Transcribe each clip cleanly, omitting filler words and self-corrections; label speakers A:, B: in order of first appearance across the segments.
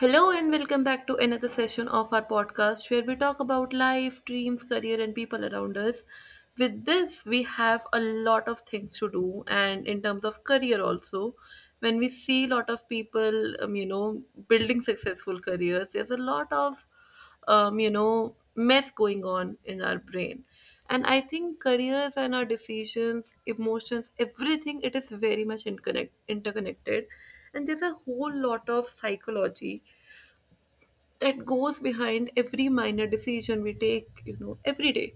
A: Hello and welcome back to another session of our podcast where we talk about life, dreams, career, and people around us. With this, we have a lot of things to do, and in terms of career, also, when we see a lot of people, building successful careers, there's a lot of mess going on in our brain. And I think careers and our decisions, emotions, everything, it is very much interconnected, and there's a whole lot of psychology that goes behind every minor decision we take, every day.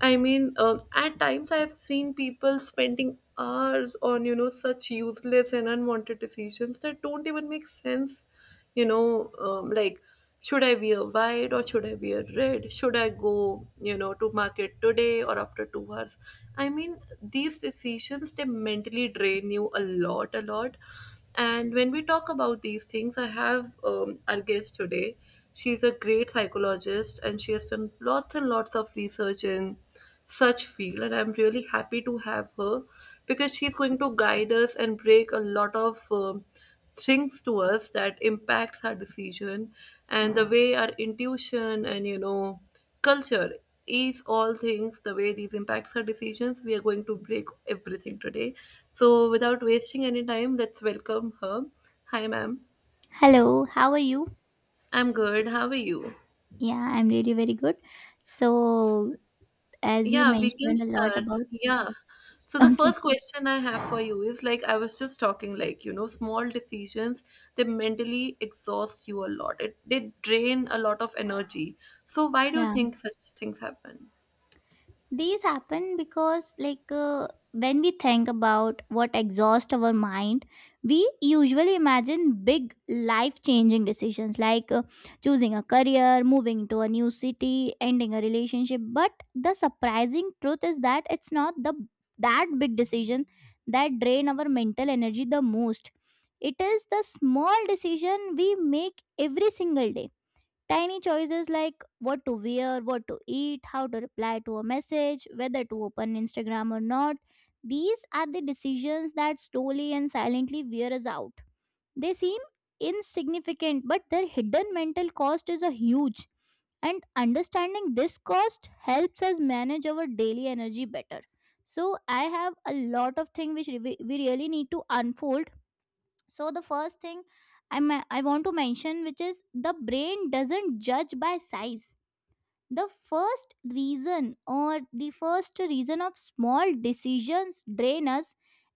A: I mean, at times I have seen people spending hours on, such useless and unwanted decisions that don't even make sense. Like, should I wear white or should I wear red? Should I go, to market today or after 2 hours? I mean, these decisions, they mentally drain you a lot, a lot. And when we talk about these things, I have, our guest today. She's a great psychologist and she has done lots and lots of research in such field, and I'm really happy to have her, because she's going to guide us and break a lot of things to us that impacts our decision and the way our intuition and culture is all things, the way these impacts our decisions. We are going to break everything today. So, without wasting any time, let's welcome her. Hi, ma'am.
B: Hello, how are you?
A: I'm good. How are you?
B: Yeah, I'm really very good. So, as you
A: Yeah, we can
B: mentioned a lot
A: start.
B: about,
A: Yeah. So the
B: okay,
A: first question I have for you is, like, I was just talking, like, small decisions, they mentally exhaust you a lot. It they drain a lot of energy. So why do you
B: yeah,
A: think such things happen?
B: these happen because when we think about what exhausts our mind, we usually imagine big life changing decisions choosing a career, moving to a new city, ending a relationship. But the surprising truth is that it's not the that big decision that drain our mental energy the most. It is the small decision we make every single day. Tiny choices like what to wear, what to eat, how to reply to a message, whether to open Instagram or not, these are the decisions that slowly and silently wear us out. They seem insignificant, but their hidden mental cost is a huge. And understanding this cost helps us manage our daily energy better. So I have a lot of things which we really need to unfold. So the first thing I want to mention, which is the brain doesn't judge by size. The first reason, or the first reason of small decisions drain us,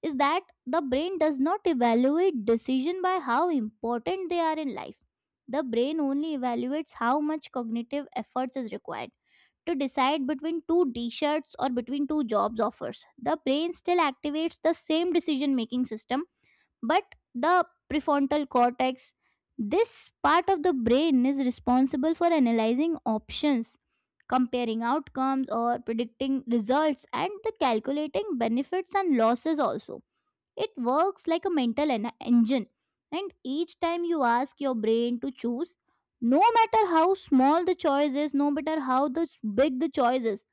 B: is that the brain does not evaluate decision by how important they are in life. The brain only evaluates how much cognitive efforts is required to decide between two t-shirts or between two jobs offers. The brain still activates the same decision making system, but the prefrontal cortex, this part of the brain, is responsible for analyzing options, comparing outcomes or predicting results, and the calculating benefits and losses also. It works like a mental engine, and each time you ask your brain to choose, no matter how small the choice is, no matter how big the choice is,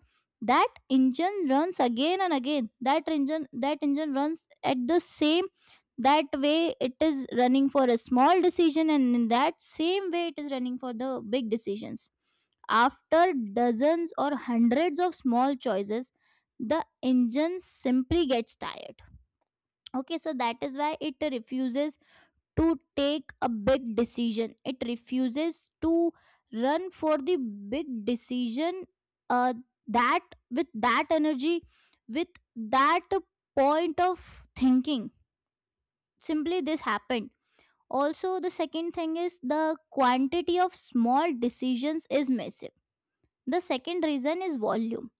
B: that engine runs again and again. That engine runs at the same, that way it is running for a small decision, and in that same way it is running for the big decisions. After dozens or hundreds of small choices, the engine simply gets tired. Okay, so that is why it refuses to take a big decision. It refuses to run for the big decision. Uh, that, with that energy, with that point of thinking, simply this happened. Also, the second thing is the quantity of small decisions is massive. The second reason is volume.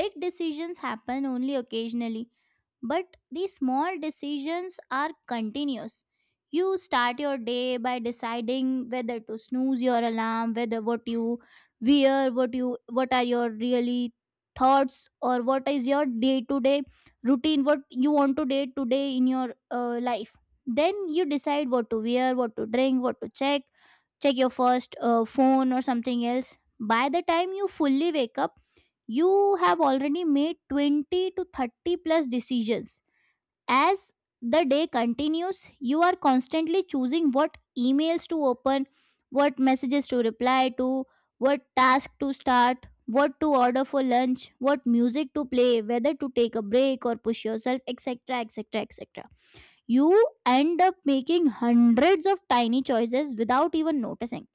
B: Big decisions happen only occasionally, but these small decisions are continuous. You start your day by deciding whether to snooze your alarm, whether what you wear, what you, what are your really thoughts, or what is your day-to-day routine, what you want to day in your life. Then you decide what to wear, what to drink, what to check, check your first phone or something else. By the time you fully wake up, you have already made 20 to 30 plus decisions. As the day continues, you are constantly choosing what emails to open, what messages to reply to, what task to start, what to order for lunch, what music to play, whether to take a break or push yourself, etc. etc. etc. You end up making hundreds of tiny choices without even noticing.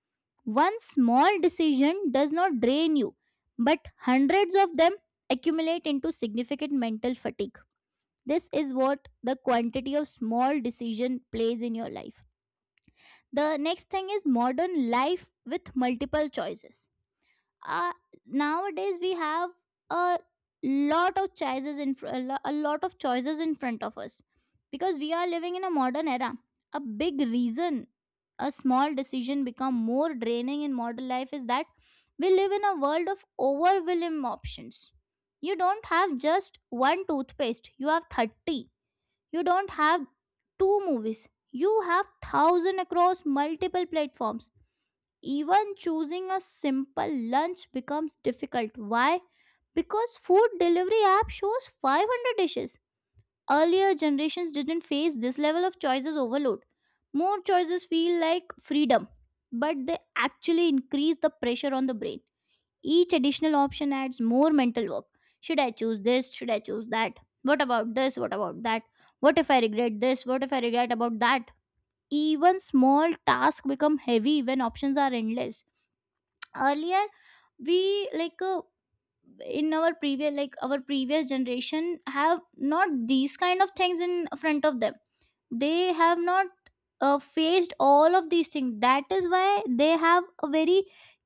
B: One small decision does not drain you, but hundreds of them accumulate into significant mental fatigue. This is what the quantity of small decision plays in your life. The next thing is modern life with multiple choices. Uh, nowadays we have a lot of choices in a lot of choices in front of us because we are living in a modern era. A big reason a small decision become more draining in modern life is that we live in a world of overwhelming options. You don't have just one toothpaste, you have 30. You don't have two movies. You have thousand across multiple platforms. Even choosing a simple lunch becomes difficult. Why? Because food delivery app shows 500 dishes. Earlier generations didn't face this level of choices overload. More choices feel like freedom, but they actually increase the pressure on the brain. Each additional option adds more mental work. Should I choose this? Should I choose that? What about this? What about that? What if I regret this? What if I regret about that? Even small tasks become heavy when options are endless. Earlier, we in our previous like our previous generation have not these kind of things in front of them. They have not faced all of these things. That is why they have a very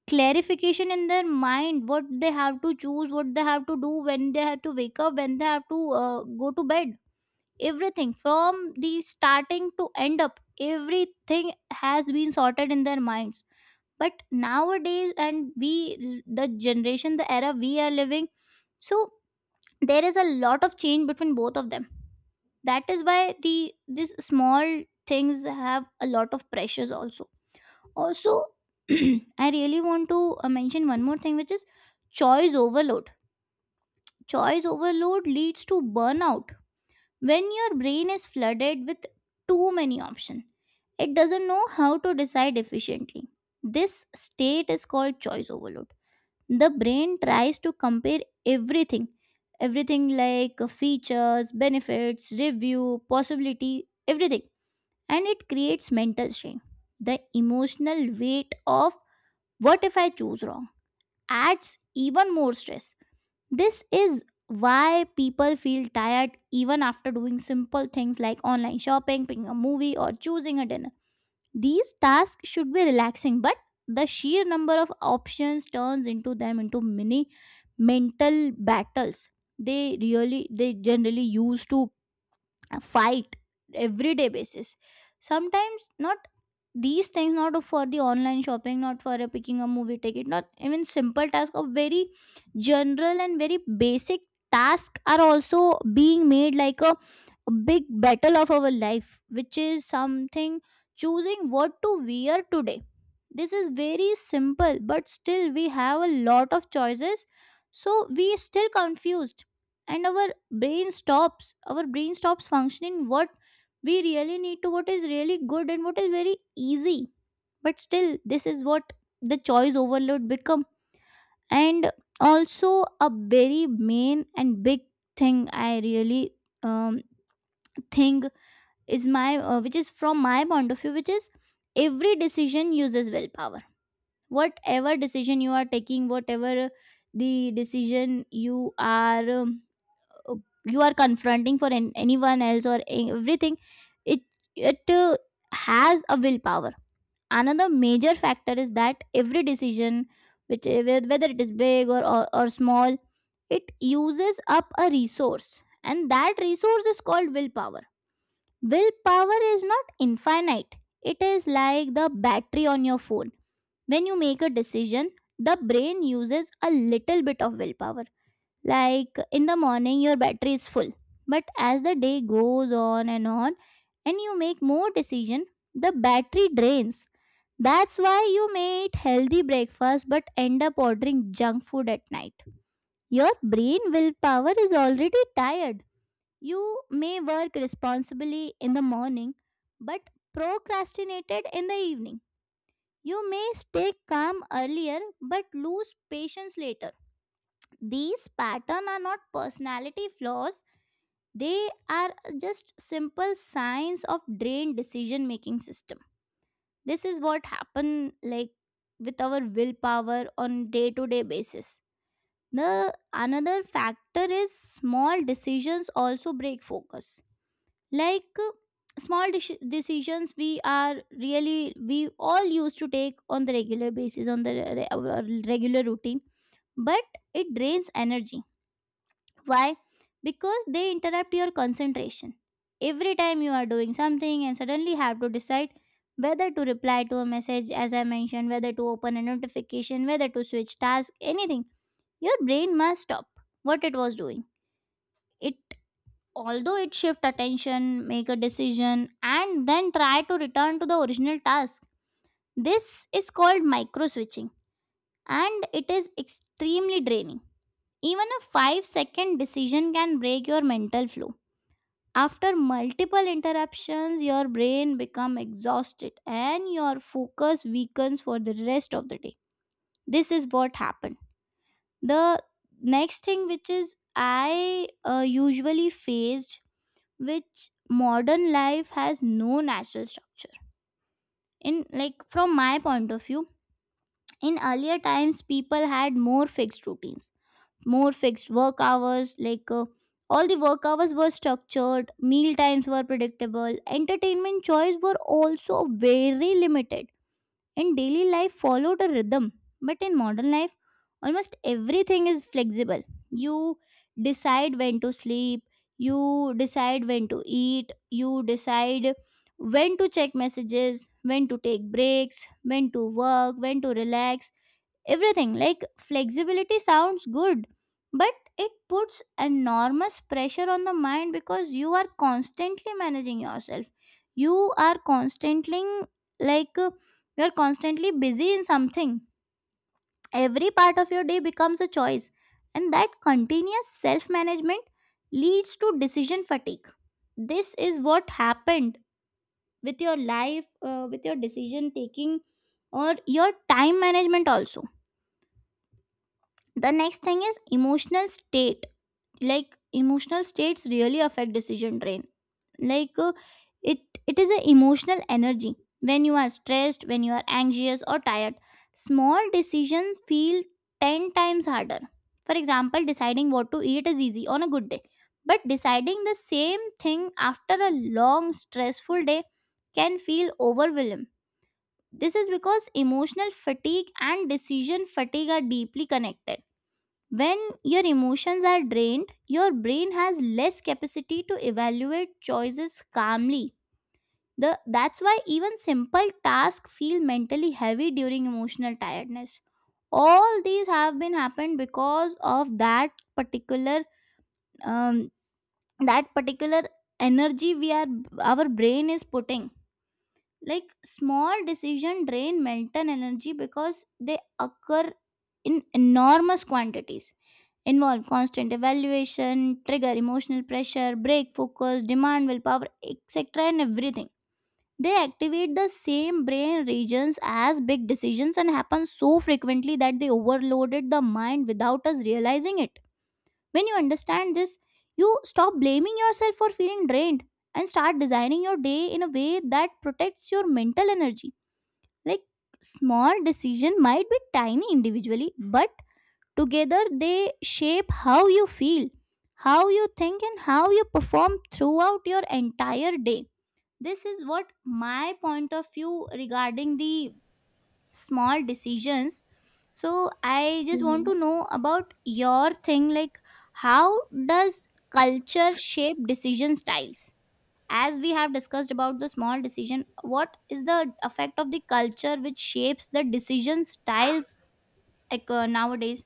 B: clarification in their mind, what they have to choose, what they have to do, when they have to wake up, when they have to go to bed. Everything from the starting to end up, everything has been sorted in their minds. But nowadays, and we, the generation, the era we are living, so there is a lot of change between both of them. That is why the these small things have a lot of pressures also. Also, I really want to mention one more thing, which is choice overload. Choice overload leads to burnout. When your brain is flooded with too many options, it doesn't know how to decide efficiently. This state is called choice overload. The brain tries to compare everything, everything like features, benefits, review, possibility, everything, and it creates mental strain. The emotional weight of what if I choose wrong adds even more stress. This is why people feel tired even after doing simple things like online shopping, picking a movie, or choosing a dinner. These tasks should be relaxing, but the sheer number of options turns into them into mini mental battles. They really, they generally use to fight everyday basis. Sometimes not, these things not for the online shopping, not for a picking a movie ticket, not even simple task of very general and very basic task are also being made like a big battle of our life, which is something choosing what to wear today. This is very simple, but still we have a lot of choices, so we still confused, and our brain stops. Our brain stops functioning what we really need to, what is really good and what is very easy, but still this is what the choice overload become. And also, a very main and big thing I really um, think is my which is from my point of view, which is every decision uses willpower. Whatever decision you are taking, whatever the decision are um, uh, you are confronting for anyone else or everything, it it has a willpower. Another major factor is that every decision which whether it is big or or small, it uses up a resource, and that resource is called willpower. Willpower is not infinite. It is like the battery on your phone. When you make a decision, the brain uses a little bit of willpower. Like in the morning, your battery is full. But as the day goes on, and you make more decision, the battery drains. That's why you may eat healthy breakfast but end up ordering junk food at night. Your brain willpower is already tired. You may work responsibly in the morning, but procrastinated in the evening. You may stay calm earlier but lose patience later. These patterns are not personality flaws, they are just simple signs of drained decision making system. This is what happen, like with our willpower on day to day basis. The another factor is small decisions also break focus. like uh, small decisions we are really we all used to take on the regular basis on our regular routine, but it drains energy. Why? Because they interrupt your concentration. Every time you are doing something and suddenly have to decide whether to reply to a message, as I mentioned, whether to open a notification, whether to switch task, anything, your brain must stop what it was doing. It although it shift attention, make a decision, and then try to return to the original task. This is called micro switching, and it is extremely draining. Even a 5-second decision can break your mental flow. After multiple interruptions, your brain becomes exhausted and your focus weakens for the rest of the day. This is what happened. The next thing, which is I usually faced, which modern life has no natural structure. In, like from my point of view, in earlier times, people had more fixed routines, more fixed work hours. All the work hours were structured, meal times were predictable, entertainment choice were also very limited, and daily life followed a rhythm. But in modern life almost everything is flexible. You decide when to sleep, you decide when to eat, you decide when to check messages, when to take breaks, when to work, when to relax, everything. Like flexibility sounds good, but it puts enormous pressure on the mind because you are constantly managing yourself. You are constantly, like uh, you are constantly busy in something. Every part of your day becomes a choice, and that continuous self management leads to decision fatigue. This is what happened with your life, with your decision taking, or your time management also. The next thing is emotional state, like emotional states really affect decision train. like uh, it it is an emotional energy. When you are stressed, when you are anxious or tired, small decisions feel 10 times harder. For example, deciding what to eat is easy on a good day, but deciding the same thing after a long stressful day can feel overwhelming. This is because emotional fatigue and decision fatigue are deeply connected. When your emotions are drained, your brain has less capacity to evaluate choices calmly. That's why even simple tasks feel mentally heavy during emotional tiredness. All these have been happened because of particular um, that particular energy we are, our brain is putting. Like, small decision drain mental energy because they occur in enormous quantities, involve constant evaluation, trigger emotional pressure, break focus, demand willpower, etc., and everything. They activate the same brain regions as big decisions and happen so frequently that they overloaded the mind without us realizing it. When you understand this, you stop blaming yourself for feeling drained and start designing your day in a way that protects your mental energy. Like, small decision might be tiny individually, but together, they shape how you feel, how you think, and how you perform throughout your entire day. This is what my point of view regarding the small decisions. So, I just want to know about your thing, like, how does culture shape decision styles? As we have discussed about the small decision, what is the effect of the culture which shapes the decision styles, nowadays?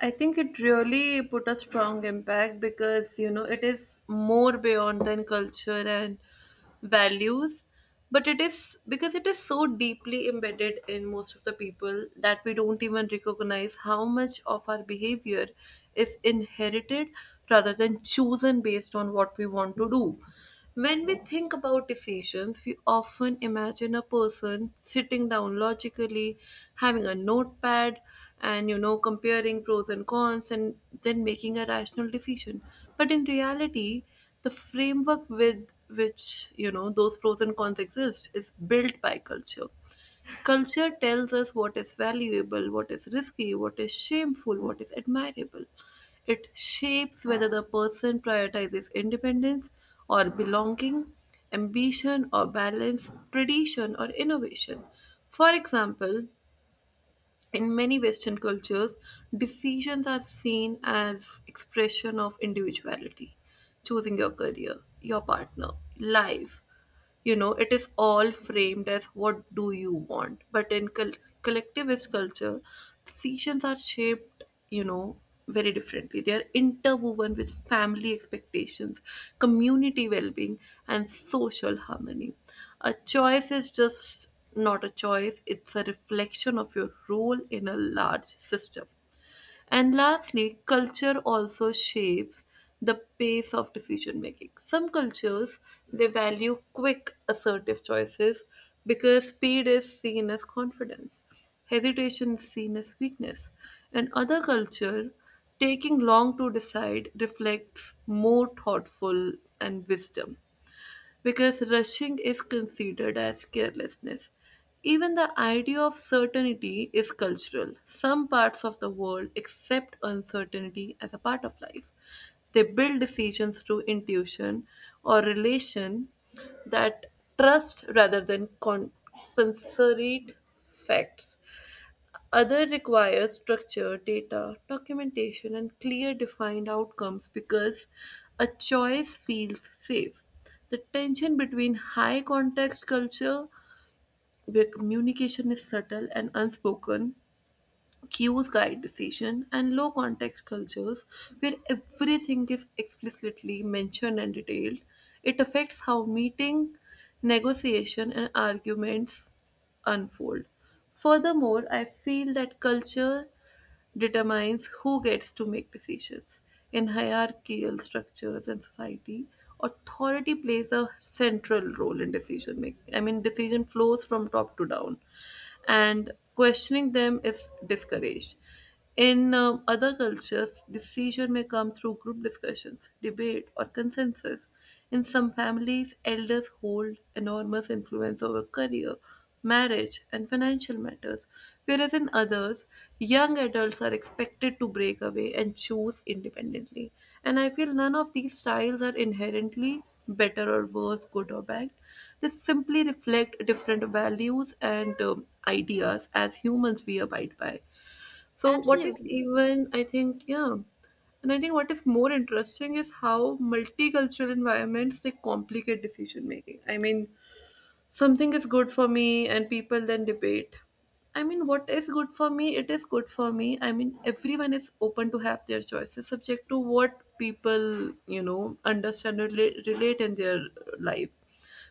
A: I think it really put a strong impact because, it is more beyond than culture and values, but it is because it is so deeply embedded in most of the people that we don't even recognize how much of our behavior is inherited rather than chosen based on what we want to do. When we think about decisions, we often imagine a person sitting down logically, having a notepad, and, comparing pros and cons and then making a rational decision. But in reality, the framework with which, those pros and cons exist is built by culture. Culture tells us what is valuable, what is risky, what is shameful, what is admirable. It shapes whether the person prioritizes independence or belonging, ambition or balance, tradition or innovation. For example, in many Western cultures, decisions are seen as expression of individuality, choosing your career, your partner, life. It is all framed as what do you want, but in collectivist culture, decisions are shaped, you know very differently. They are interwoven with family expectations, community well-being, and social harmony. A choice is just not a choice, it's a reflection of your role in a large system. And lastly, culture also shapes the pace of decision making. Some cultures, they value quick, assertive choices, because speed is seen as confidence, hesitation is seen as weakness. And other culture, taking long to decide reflects more thoughtful and wisdom, because rushing is considered as carelessness. Even the idea of certainty is cultural. Some parts of the world accept uncertainty as a part of life. They build decisions through intuition or relation, that trust rather than concrete facts. Other requires structure, data, documentation, and clear defined outcomes, because a choice feels safe. The tension between high context culture, where communication is subtle and unspoken, cues guide decision, and low context cultures, where everything is explicitly mentioned and detailed, it affects how meeting, negotiation, and arguments unfold. Furthermore, I feel that culture determines who gets to make decisions. In hierarchical structures and society, authority plays a central role in decision making. I mean, decision flows from top to down, and questioning them is discouraged. In other cultures, decision may come through group discussions, debate, or consensus. In some families, elders hold enormous influence over career, marriage, and financial matters, whereas in others, young adults are expected to break away and choose independently. And I feel none of these styles are inherently better or worse, good or bad. They simply reflect different values and ideas as humans we abide by. So, what is
B: Absolutely.
A: even, I think, yeah. And I think what is more interesting is how multicultural environments, they complicate decision making. I mean, something is good for me and people then debate. I mean, what is good for me, it is good for me. I mean, everyone is open to have their choices, subject to what people, understand or relate in their life.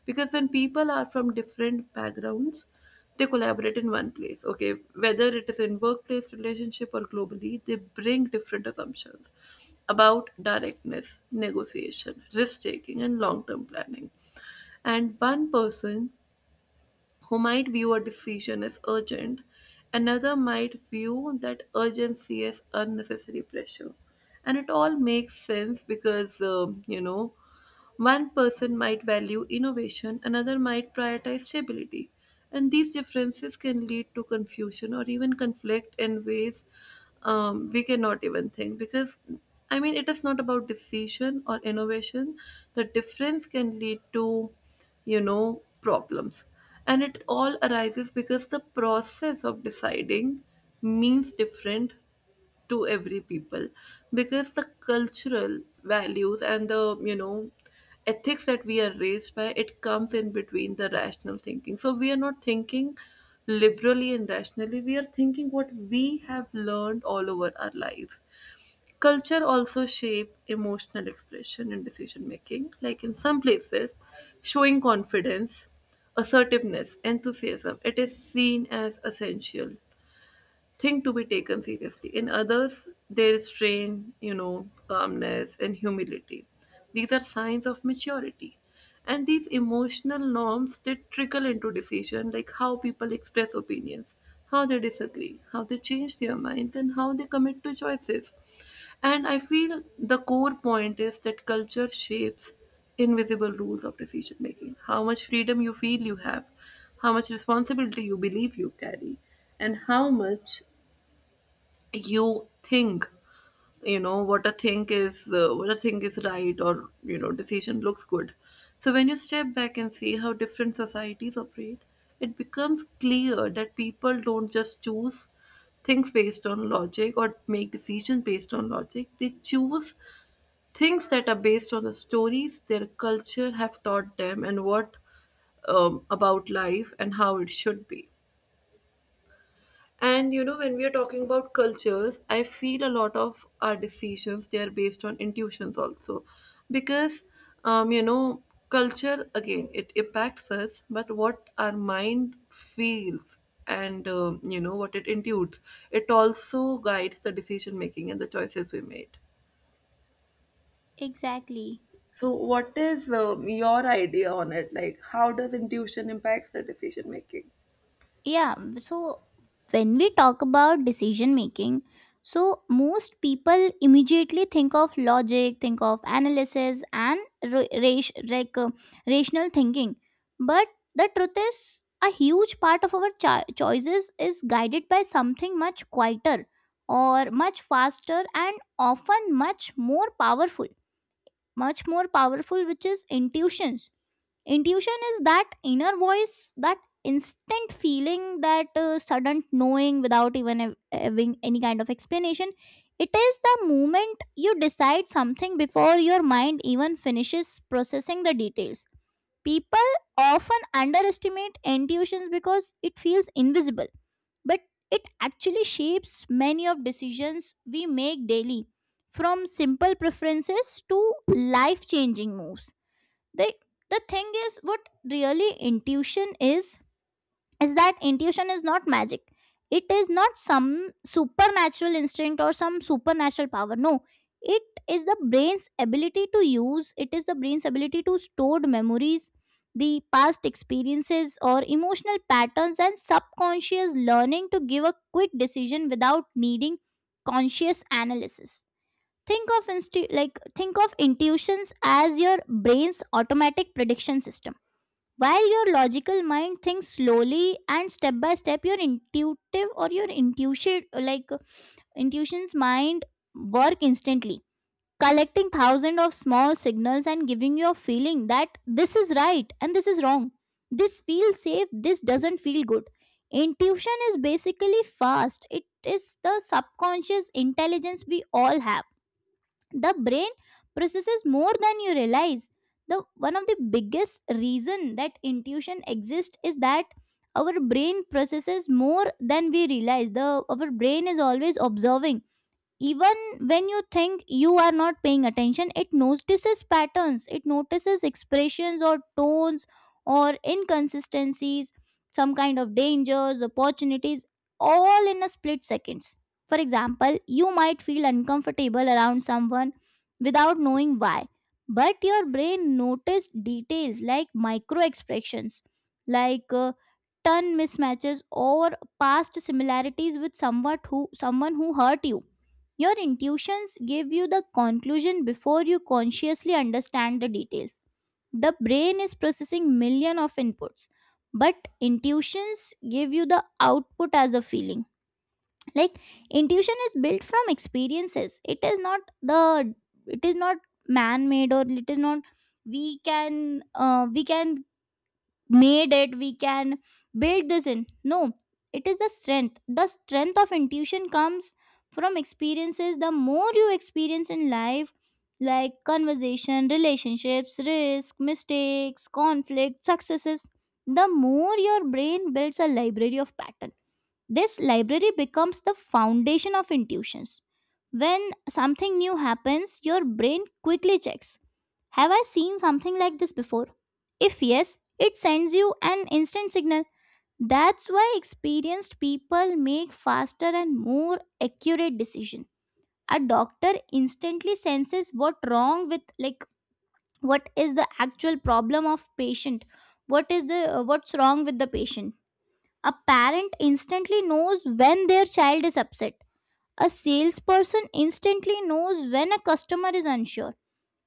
A: Because when people are from different backgrounds, they collaborate in one place, okay, whether it is in workplace, relationship, or globally, they bring different assumptions about directness, negotiation, risk taking, and long term planning. And one person who might view a decision as urgent, another might view that urgency as unnecessary pressure. And it all makes sense because, one person might value innovation, another might prioritize stability. And these differences can lead to confusion or even conflict in ways, we cannot even think. Because, I mean, it is not about decision or innovation. The difference can lead to, problems. And it all arises because the process of deciding means different to every people, because the cultural values and the ethics that we are raised by, it comes in between the rational thinking. So we are not thinking liberally and rationally, we are thinking what we have learned all over our lives. Culture also shape emotional expression and decision making. Like, in some places, showing confidence, assertiveness, enthusiasm, it is seen as essential thing to be taken seriously. In others, there is strain, calmness, and humility. These are signs of maturity. And these emotional norms, they trickle into decision, like how people express opinions, how they disagree, how they change their minds, and how they commit to choices. And I feel the core point is that culture shapes invisible rules of decision making, how much freedom you feel you have, how much responsibility you believe you carry, and how much you think you know what a think is, right, or decision looks good. So when you step back and see how different societies operate, it becomes clear that people don't just choose things based on logic or make decisions based on logic. They choose things that are based on the stories their culture have taught them and what, about life and how it should be. And, when we are talking about cultures, I feel a lot of our decisions, they are based on intuitions also, because, um, you know, culture again, it impacts us, but what our mind feels and, what it intuits, it also guides the decision making and the choices we made.
B: Exactly.
A: So, what is your idea on it? Like, how does intuition impacts the decision making?
B: Yeah. So, when we talk about decision making, so most people immediately think of logic, think of analysis, and ra- ra- like uh, rational thinking. But the truth is, a huge part of our choices is guided by something much quieter, or much faster, and often much more powerful. Much more powerful, which is intuitions. Intuition is that inner voice, that instant feeling, that sudden knowing without even having any kind of explanation. It is the moment you decide something before your mind even finishes processing the details. People often underestimate intuitions because it feels invisible, but it actually shapes many of decisions we make daily, from simple preferences to life changing moves. They the thing is, what really intuition is that intuition is not magic. It is not some supernatural instinct or some supernatural power, no. It is the brain's ability to use, it is the brain's ability to stored memories, the past experiences or emotional patterns and subconscious learning, to give a quick decision without needing conscious analysis. Think of think of intuitions as your brain's automatic prediction system. While your logical mind thinks slowly and step by step, your intuitive, or your intuition, like intuition's mind, work instantly, collecting thousands of small signals and giving you a feeling that this is right and this is wrong, this feels safe, this doesn't feel good. Intuition is basically fast. It is the subconscious intelligence we all have. The brain processes more than you realize. The one of the biggest reason that intuition exists is that our brain processes more than we realize. The our brain is always observing. Even when you think you are not paying attention, it notices patterns, it notices expressions or tones or inconsistencies, some kind of dangers, opportunities, all in a split seconds. For example, you might feel uncomfortable around someone without knowing why, but your brain noticed details like micro expressions, like uh, turn mismatches, or past similarities with someone who hurt you. Your intuitions give you the conclusion before you consciously understand the details. The brain is processing million of inputs, but intuitions give you the output as a feeling. Like, intuition is built from experiences. It is not man made, or it is not, we can made it, we can build this in, no. It is the strength, the strength of intuition comes from experiences. The more you experience in life, like conversation, relationships, risk, mistakes, conflict, successes, the more your brain builds a library of pattern. This library becomes the foundation of intuitions. When something new happens, your brain quickly checks, have I seen something like this before? If yes, it sends you an instant signal. That's why experienced people make faster and more accurate decision. A doctor instantly senses what wrong with, like, what is the actual problem of patient, what is the what's wrong with the patient. A parent instantly knows when their child is upset. A salesperson instantly knows when a customer is unsure.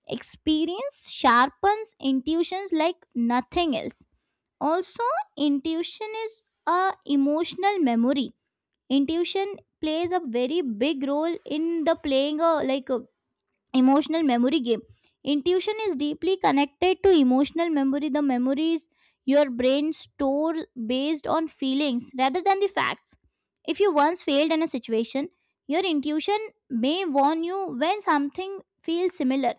B: Experience sharpens intuitions like nothing else. Also, intuition is a emotional memory. Intuition plays a very big role in the playing a, like, a emotional memory game. Intuition is deeply connected to emotional memory, the memories your brain stores based on feelings rather than the facts. If you once failed in a situation, your intuition may warn you when something feels similar.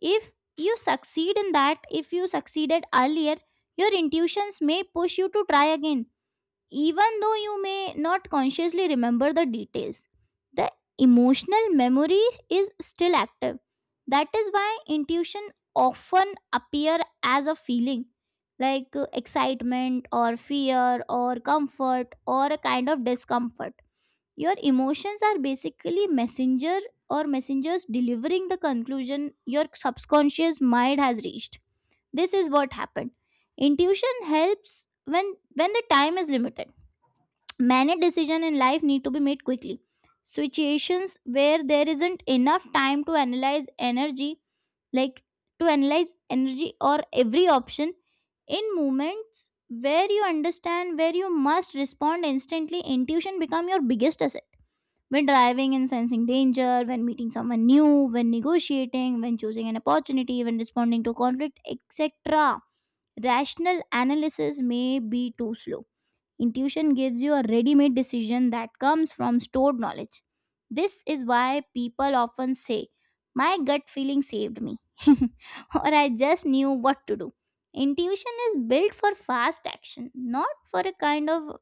B: If you succeed in that, if you succeeded earlier, your intuitions may push you to try again, even though you may not consciously remember the details. The emotional memory is still active. That is why intuition often appear as a feeling, like excitement or fear or comfort or a kind of discomfort. Your emotions are basically messenger, or messengers, delivering the conclusion your subconscious mind has reached. This is what happened. Intuition helps when the time is limited. Many decisions in life need to be made quickly, situations where there isn't enough time to analyze energy, like to analyze energy or every option. In moments where you understand, where you must respond instantly, intuition become your biggest asset. When driving and sensing danger, when meeting someone new, when negotiating, when choosing an opportunity, when responding to conflict, etc. Rational analysis may be too slow. Intuition gives you a ready made decision that comes from stored knowledge. This is why people often say, my gut feeling saved me, or I just knew what to do. Intuition is built for fast action, not for a kind of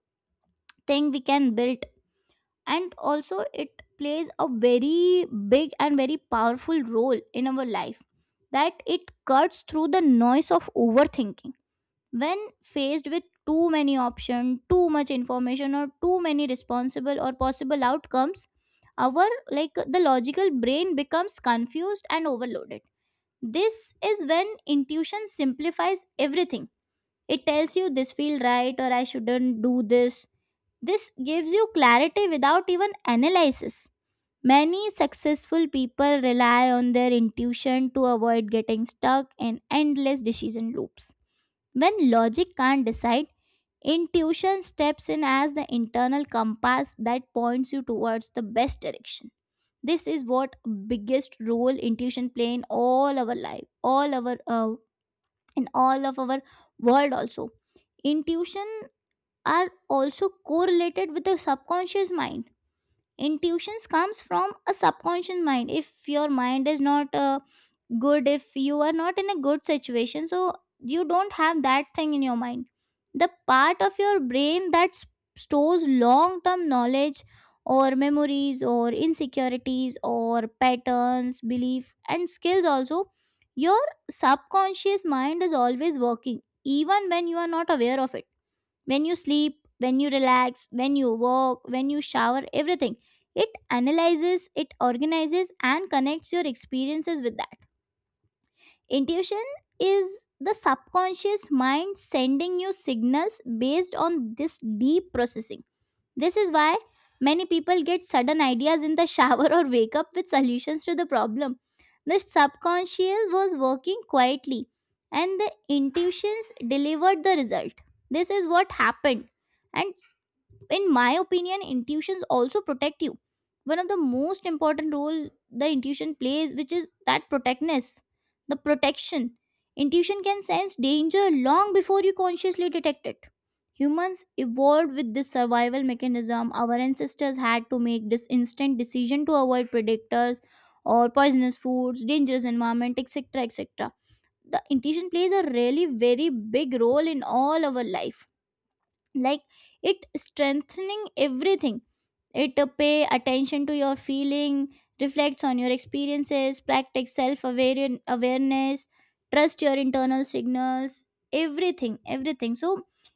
B: thing we can build. And also, it plays a very big and very powerful role in our life, that it cuts through the noise of overthinking. When faced with too many options, too much information, or too many responsible or possible outcomes, our, like, the logical brain becomes confused and overloaded. This is when intuition simplifies everything. It tells you this feel right or I shouldn't do this. This gives you clarity without even analysis. Many successful people rely on their intuition to avoid getting stuck in endless decision loops. When logic can't decide, intuition steps in as the internal compass that points you towards the best direction. This is what biggest role intuition play in all our life, all our in all of our world also. Intuition are also correlated with the subconscious mind. Intuitions comes from a subconscious mind. If your mind is not good, if you are not in a good situation, so you don't have that thing in your mind, the part of your brain that stores long term knowledge, or memories or insecurities or patterns belief and skills also. Your subconscious mind is always working, even when you are not aware of it. When you sleep, when you relax, when you walk, when you shower, everything. It analyzes, it organizes, and connects your experiences with that. Intuition is the subconscious mind sending you signals based on this deep processing. This is why many people get sudden ideas in the shower or wake up with solutions to the problem. The subconscious was working quietly, and the intuitions delivered the result. This is what happened. And in my opinion, intuitions also protect you. One of the most important role the intuition plays, which is that protectness, the protection. Intuition can sense danger long before you consciously detect it. Humans evolved with this survival mechanism. Our ancestors had to make this instant decision to avoid predators or poisonous foods, dangerous environment, etc., etc. The intuition plays a really very big role in all our life, like, it strengthening everything. It, pay attention to your feeling, reflects on your experiences, practice self awareness, trust your internal signals, everything, everything. So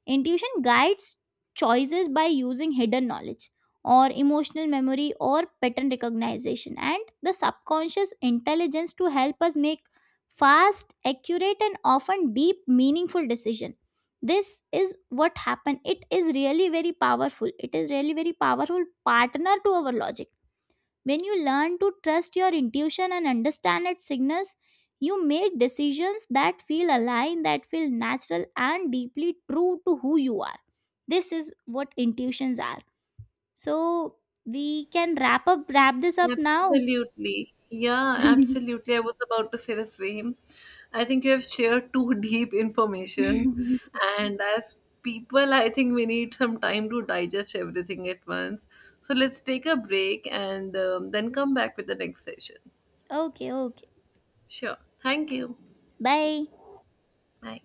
B: intuition guides choices by using hidden knowledge, or emotional memory, or pattern recognition, and the subconscious intelligence to help us make fast, accurate, and often deep meaningful decision. This is what happened. It is really very powerful. It is really very powerful partner to our logic. When you learn to trust your intuition and understand its signals, you make decisions that feel aligned, that feel natural, and deeply true to who you are. This is what intuitions are. So we can wrap this up now.
A: Absolutely. Yeah, absolutely. I was about to say the same. I think you have shared two deep informations, and as people, I think we need some time to digest everything at once. So let's take a break and then come back with the next session.
B: Okay, okay.
A: Sure. Thank you.
B: Bye.
A: Bye.